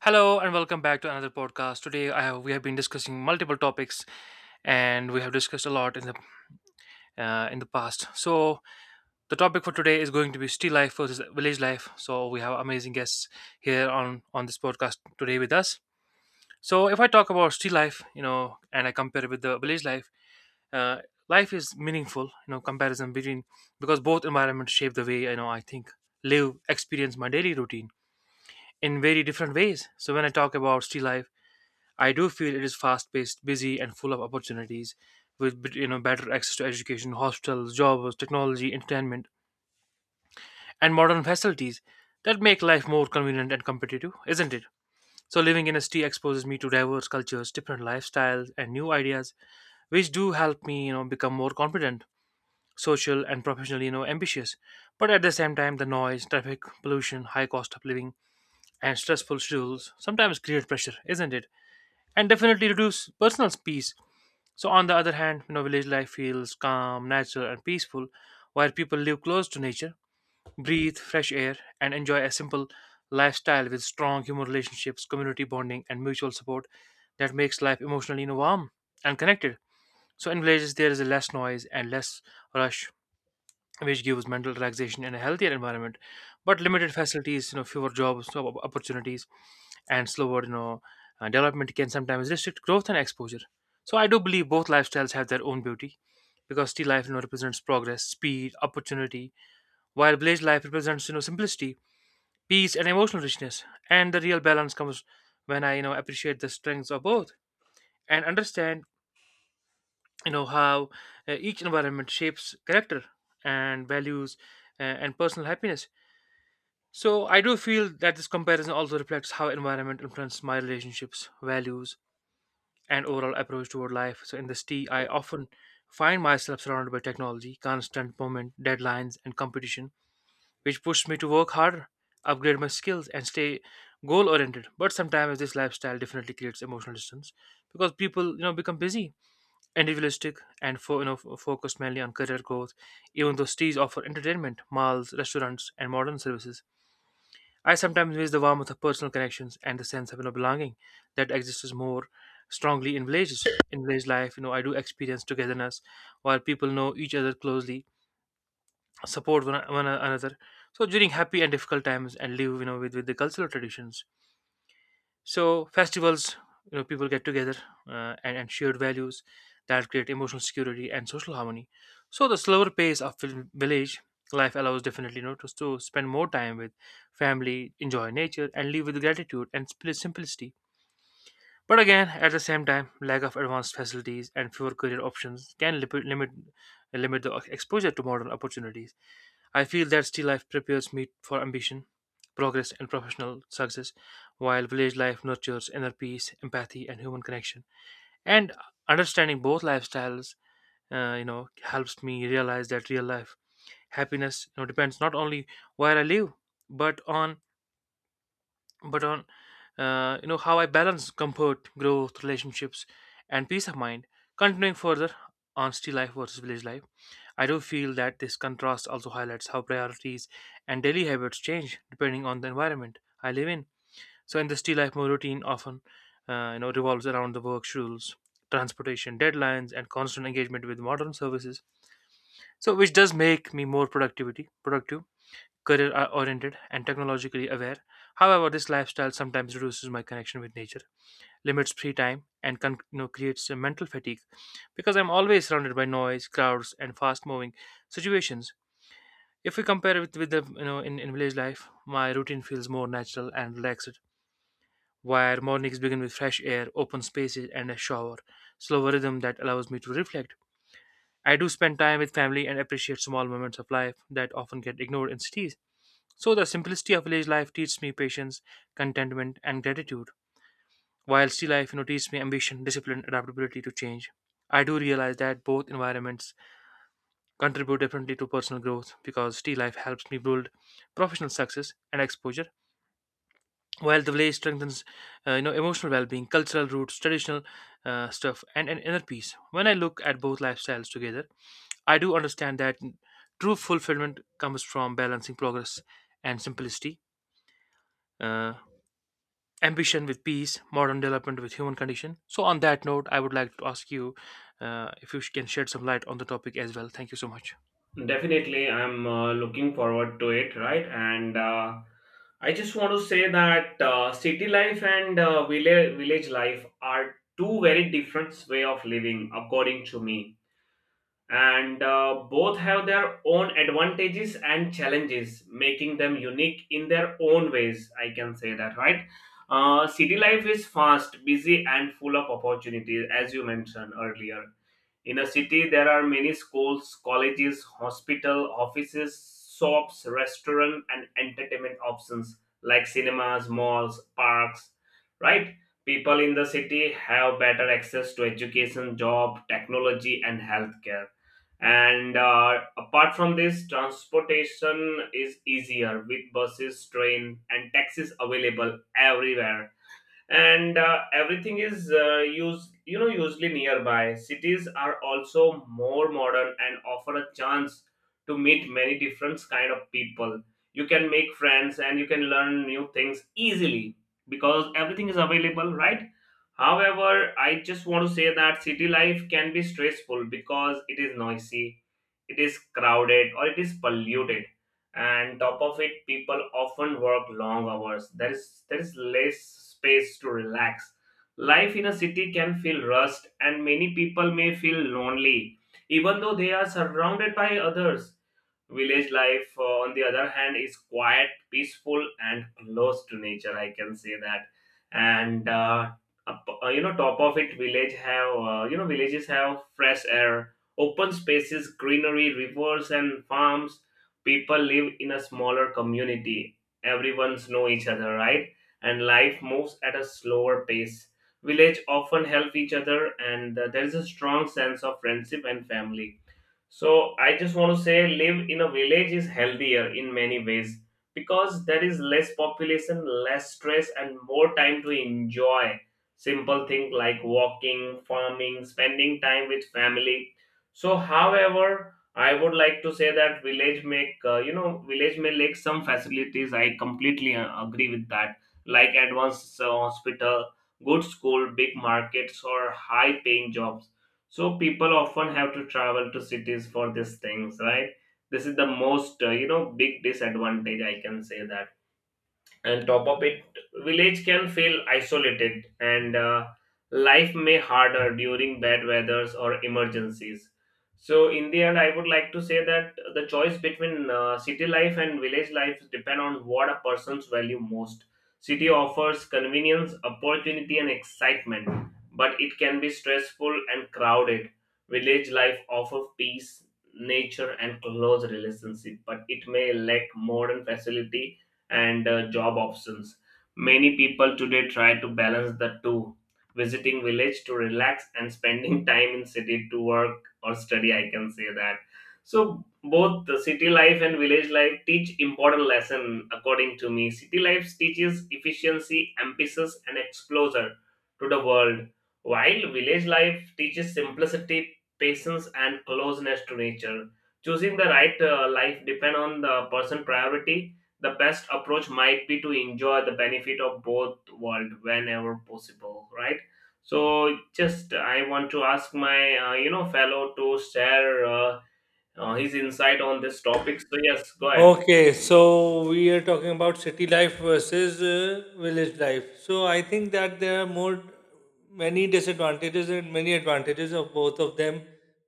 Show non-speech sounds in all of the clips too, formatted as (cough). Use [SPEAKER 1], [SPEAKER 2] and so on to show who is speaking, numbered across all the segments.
[SPEAKER 1] Hello and welcome back to another podcast. Today we have been discussing multiple topics and we have discussed a lot in the past. So the topic for today is going to be city life versus village life. So we have amazing guests here on this podcast today with us. So if I talk about city life, and I compare it with the village life, uh, life is meaningful, comparison between because both environments shape the way I think, live, experience my daily routine in very different ways. So when I talk about city life, I do feel it is fast-paced, busy, and full of opportunities, with better access to education, hospitals, jobs, technology, entertainment, and modern facilities that make life more convenient and competitive, isn't it? So living in a city exposes me to diverse cultures, different lifestyles, and new ideas, which do help me become more confident, social, and professionally ambitious. But at the same time, the noise, traffic, pollution, high cost of living, and stressful schedules sometimes create pressure, isn't it? And definitely reduce personal peace. So, on the other hand, village life feels calm, natural, and peaceful, where people live close to nature, breathe fresh air, and enjoy a simple lifestyle with strong human relationships, community bonding, and mutual support that makes life emotionally, warm and connected. So, in villages, there is less noise and less rush, which gives mental relaxation and a healthier environment, but limited facilities, fewer jobs, opportunities, and slower, development can sometimes restrict growth and exposure. So I do believe both lifestyles have their own beauty, because city life represents progress, speed, opportunity, while village life represents, simplicity, peace, and emotional richness. And the real balance comes when I appreciate the strengths of both and understand how each environment shapes character and values and personal happiness. So I do feel that this comparison also reflects how environment influences my relationships, values, and overall approach toward life. So in this T, I often find myself surrounded by technology, constant movement, deadlines, and competition, which pushes me to work harder, upgrade my skills, and stay goal-oriented. But sometimes this lifestyle definitely creates emotional distance because people, become busy, individualistic, and focused mainly on career growth. Even though cities offer entertainment, malls, restaurants, and modern services, I sometimes miss the warmth of personal connections and the sense of, belonging that exists more strongly in villages. In village life, I do experience togetherness while people know each other closely, support one another. So during happy and difficult times, and live, with the cultural traditions, so festivals, people get together and shared values that create emotional security and social harmony. So the slower pace of village life allows definitely, to spend more time with family, enjoy nature, and live with gratitude and simplicity. But again, at the same time, lack of advanced facilities and fewer career options can limit the exposure to modern opportunities. I feel that city life prepares me for ambition, progress, and professional success, while village life nurtures inner peace, empathy, and human connection. And understanding both lifestyles helps me realize that real life happiness, depends not only where I live, but on how I balance comfort, growth, relationships, and peace of mind. Continuing further on city life versus village life. I do feel that this contrast also highlights how priorities and daily habits change depending on the environment I live in. So, in the city life, my routine often, revolves around the work schedules, transportation deadlines, and constant engagement with modern services. So, which does make me more productive, career-oriented, and technologically aware. However, this lifestyle sometimes reduces my connection with nature, limits free time, and creates a mental fatigue because I'm always surrounded by noise, crowds, and fast-moving situations. If we compare with, with the, in village life, my routine feels more natural and relaxed, where mornings begin with fresh air, open spaces, and a shower, slower rhythm that allows me to reflect. I do spend time with family and appreciate small moments of life that often get ignored in cities. So the simplicity of village life teaches me patience, contentment, and gratitude, while city life teaches me ambition, discipline, adaptability to change. I do realize that both environments contribute differently to personal growth, because city life helps me build professional success and exposure, while the village strengthens, emotional well-being, cultural roots, traditional stuff, and an inner peace. When I look at both lifestyles together, I do understand that true fulfillment comes from balancing progress and simplicity, uh, ambition with peace, modern development with human condition. So on that note, I would like to ask you if you can shed some light on the topic as well. Thank you so much.
[SPEAKER 2] Definitely, I'm looking forward to it, right? And I just want to say that city life and uh, village life are two very different way of living, according to me. And both have their own advantages and challenges, making them unique in their own ways. I can say that, right? City life is fast, busy, and full of opportunities, as you mentioned earlier. In a city, there are many schools, colleges, hospital, offices, shops, restaurant, and entertainment options like cinemas, malls, parks. Right? People in the city have better access to education, job, technology, and healthcare. And apart from this, transportation is easier with buses, train, and taxis available everywhere, and everything is used you know usually nearby. Cities are also more modern and offer a chance to meet many different kind of people. You can make friends and you can learn new things easily because everything is available, right? However, I just want to say that city life can be stressful because it is noisy, it is crowded, or it is polluted. And top of it, people often work long hours. There is less space to relax. Life in a city can feel rushed and many people may feel lonely even though they are surrounded by others. Village life, on the other hand, is quiet, peaceful, and close to nature. I can say that. And up- you know, Top of it, villages have fresh air, open spaces, greenery, rivers, and farms. People live in a smaller community. Everyone's know each other, right? And life moves at a slower pace. Village often help each other, and there is a strong sense of friendship and family. So I just want to say live in a village is healthier in many ways because there is less population, less stress, and more time to enjoy simple things like walking, farming, spending time with family. So, however, I would like to say that village make you know village may lack some facilities. I completely agree with that, like advanced hospital, good school, big markets, or high paying jobs. So people often have to travel to cities for these things, right? This is the most big disadvantage, I can say that. And top of it, village can feel isolated, and life may harder during bad weathers or emergencies. So in the end, I would like to say that the choice between city life and village life depend on what a person's value most. City offers convenience, opportunity, and excitement, but it can be stressful and crowded. Village life offers peace, nature, and close relationship, but it may lack modern facility and job options. Many people today try to balance the two, visiting village to relax and spending (laughs) time in city to work or study, I can say that. So both the city life and village life teach important lesson according to me. City life teaches efficiency, emphasis, and exposure to the world, while village life teaches simplicity, patience, and closeness to nature. Choosing the right life depend on the person priority. The best approach might be to enjoy the benefit of both world whenever possible, right? So, just I want to ask my fellow to share his insight on this topic. So, yes, go ahead.
[SPEAKER 3] Okay, so we are talking about city life versus village life. So I think that there are more many disadvantages and many advantages of both of them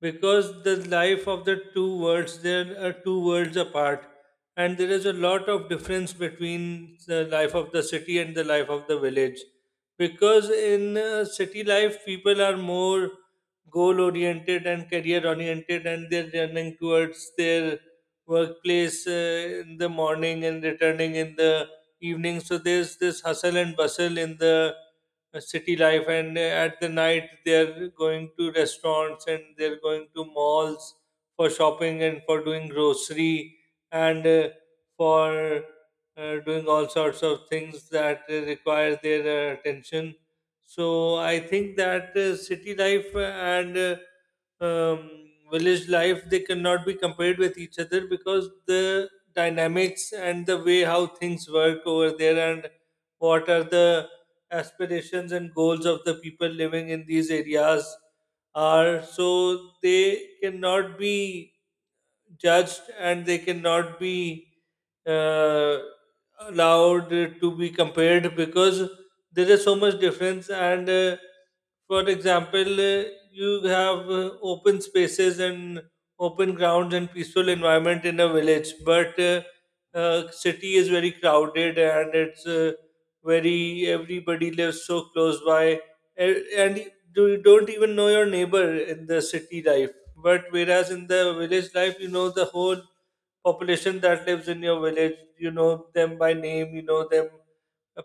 [SPEAKER 3] because the life of the two worlds, there are two worlds apart and there is a lot of difference between the life of the city and the life of the village, because in city life people are more goal oriented and career oriented and they're running towards their workplace in the morning and returning in the evening. So there's this hustle and bustle in the city life, and at the night they're going to restaurants and they're going to malls for shopping and for doing grocery and for doing all sorts of things that require their attention. So I think that city life and um, village life, they cannot be compared with each other because the dynamics and the way how things work over there and what are the aspirations and goals of the people living in these areas are, so they cannot be judged and they cannot be uh, allowed to be compared because there is so much difference. And for example, you have open spaces and open grounds and peaceful environment in a village, but city is very crowded and it's very, everybody lives so close by and you don't even know your neighbor in the city life, but whereas in the village life, you know the whole population that lives in your village, you know them by name, you know them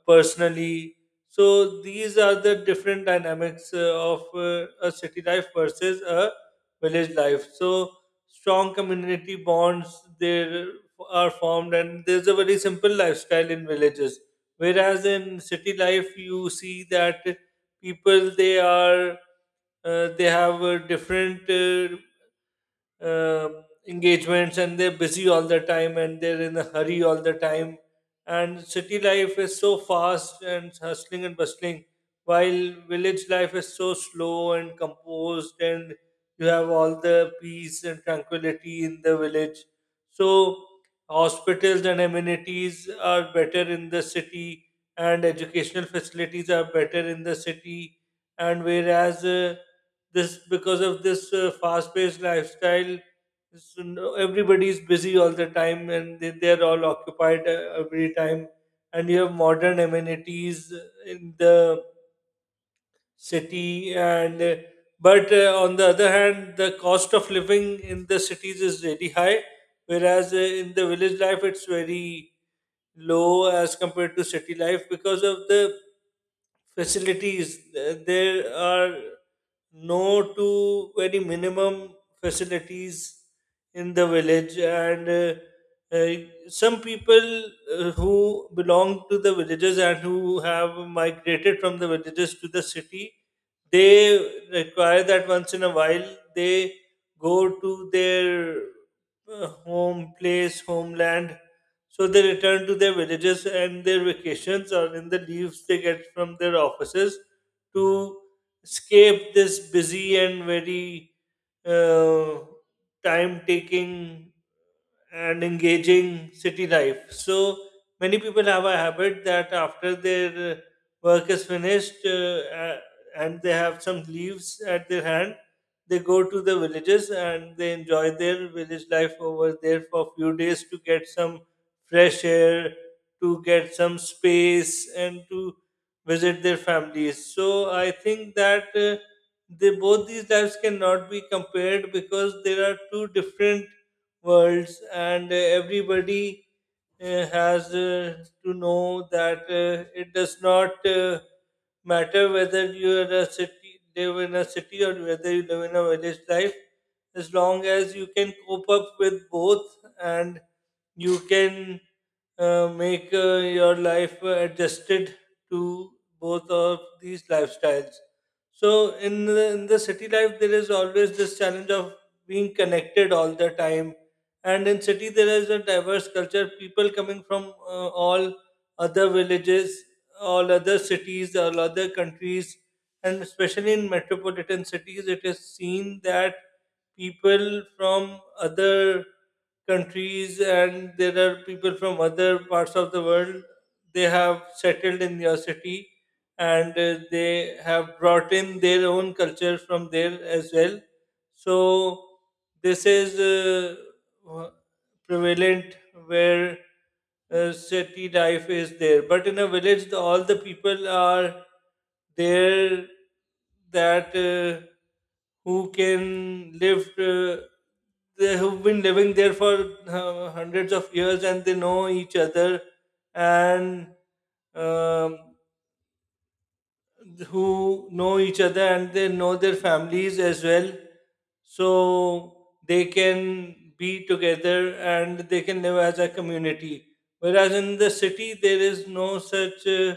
[SPEAKER 3] personally. So these are the different dynamics of a city life versus a village life. So strong community bonds there are formed, and there's a very simple lifestyle in villages. Whereas in city life, you see that people, they are they have different uh, engagements and they're busy all the time and they're in a hurry all the time, and city life is so fast and hustling and bustling, while village life is so slow and composed and you have all the peace and tranquility in the village. So hospitals and amenities are better in the city, and educational facilities are better in the city. And whereas this, because of this fast-paced lifestyle, so everybody's busy all the time and they're all occupied every time, and you have modern amenities in the city, and but on the other hand, the cost of living in the cities is really high, whereas in the village life it's very low as compared to city life because of the facilities. There are no to very minimum facilities in the village, and some people who belong to the villages and who have migrated from the villages to the city, they require that once in a while they go to their home place, homeland. So they return to their villages and their vacations, or in the leaves they get from their offices, to escape this busy and very uh, time taking and engaging city life. So many people have a habit that after their work is finished and they have some leaves at their hand, they go to the villages and they enjoy their village life over there for a few days to get some fresh air, to get some space, and to visit their families. So I think that. They both, these lives cannot be compared because there are two different worlds, and everybody has to know that it does not matter whether you are a city, live in a city, or whether you live in a village life. As long as you can cope up with both, and you can make your life adjusted to both of these lifestyles. So in the city life, there is always this challenge of being connected all the time, and in city there is a diverse culture, people coming from all other villages, all other cities, all other countries, and especially in metropolitan cities it is seen that people from other countries, and there are people from other parts of the world, they have settled in your city, and they have brought in their own culture from there as well. So this is uh, prevalent where city life is there. But in a village, all the people are there that who can live, they have been living there for hundreds of years and they know each other, and um, who know each other and they know their families as well, so they can be together and they can live as a community. Whereas in the city there is no such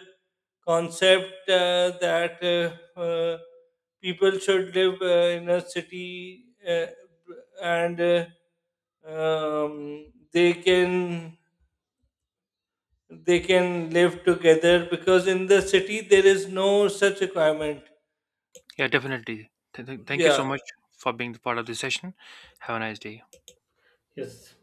[SPEAKER 3] concept that people should live in a city uh, and um, they can, they can live together, because in the city there is no such requirement,
[SPEAKER 1] Yeah, definitely. Thank you so
[SPEAKER 3] yeah.
[SPEAKER 1] much for being the part of this session. Have a nice day.
[SPEAKER 2] Yes.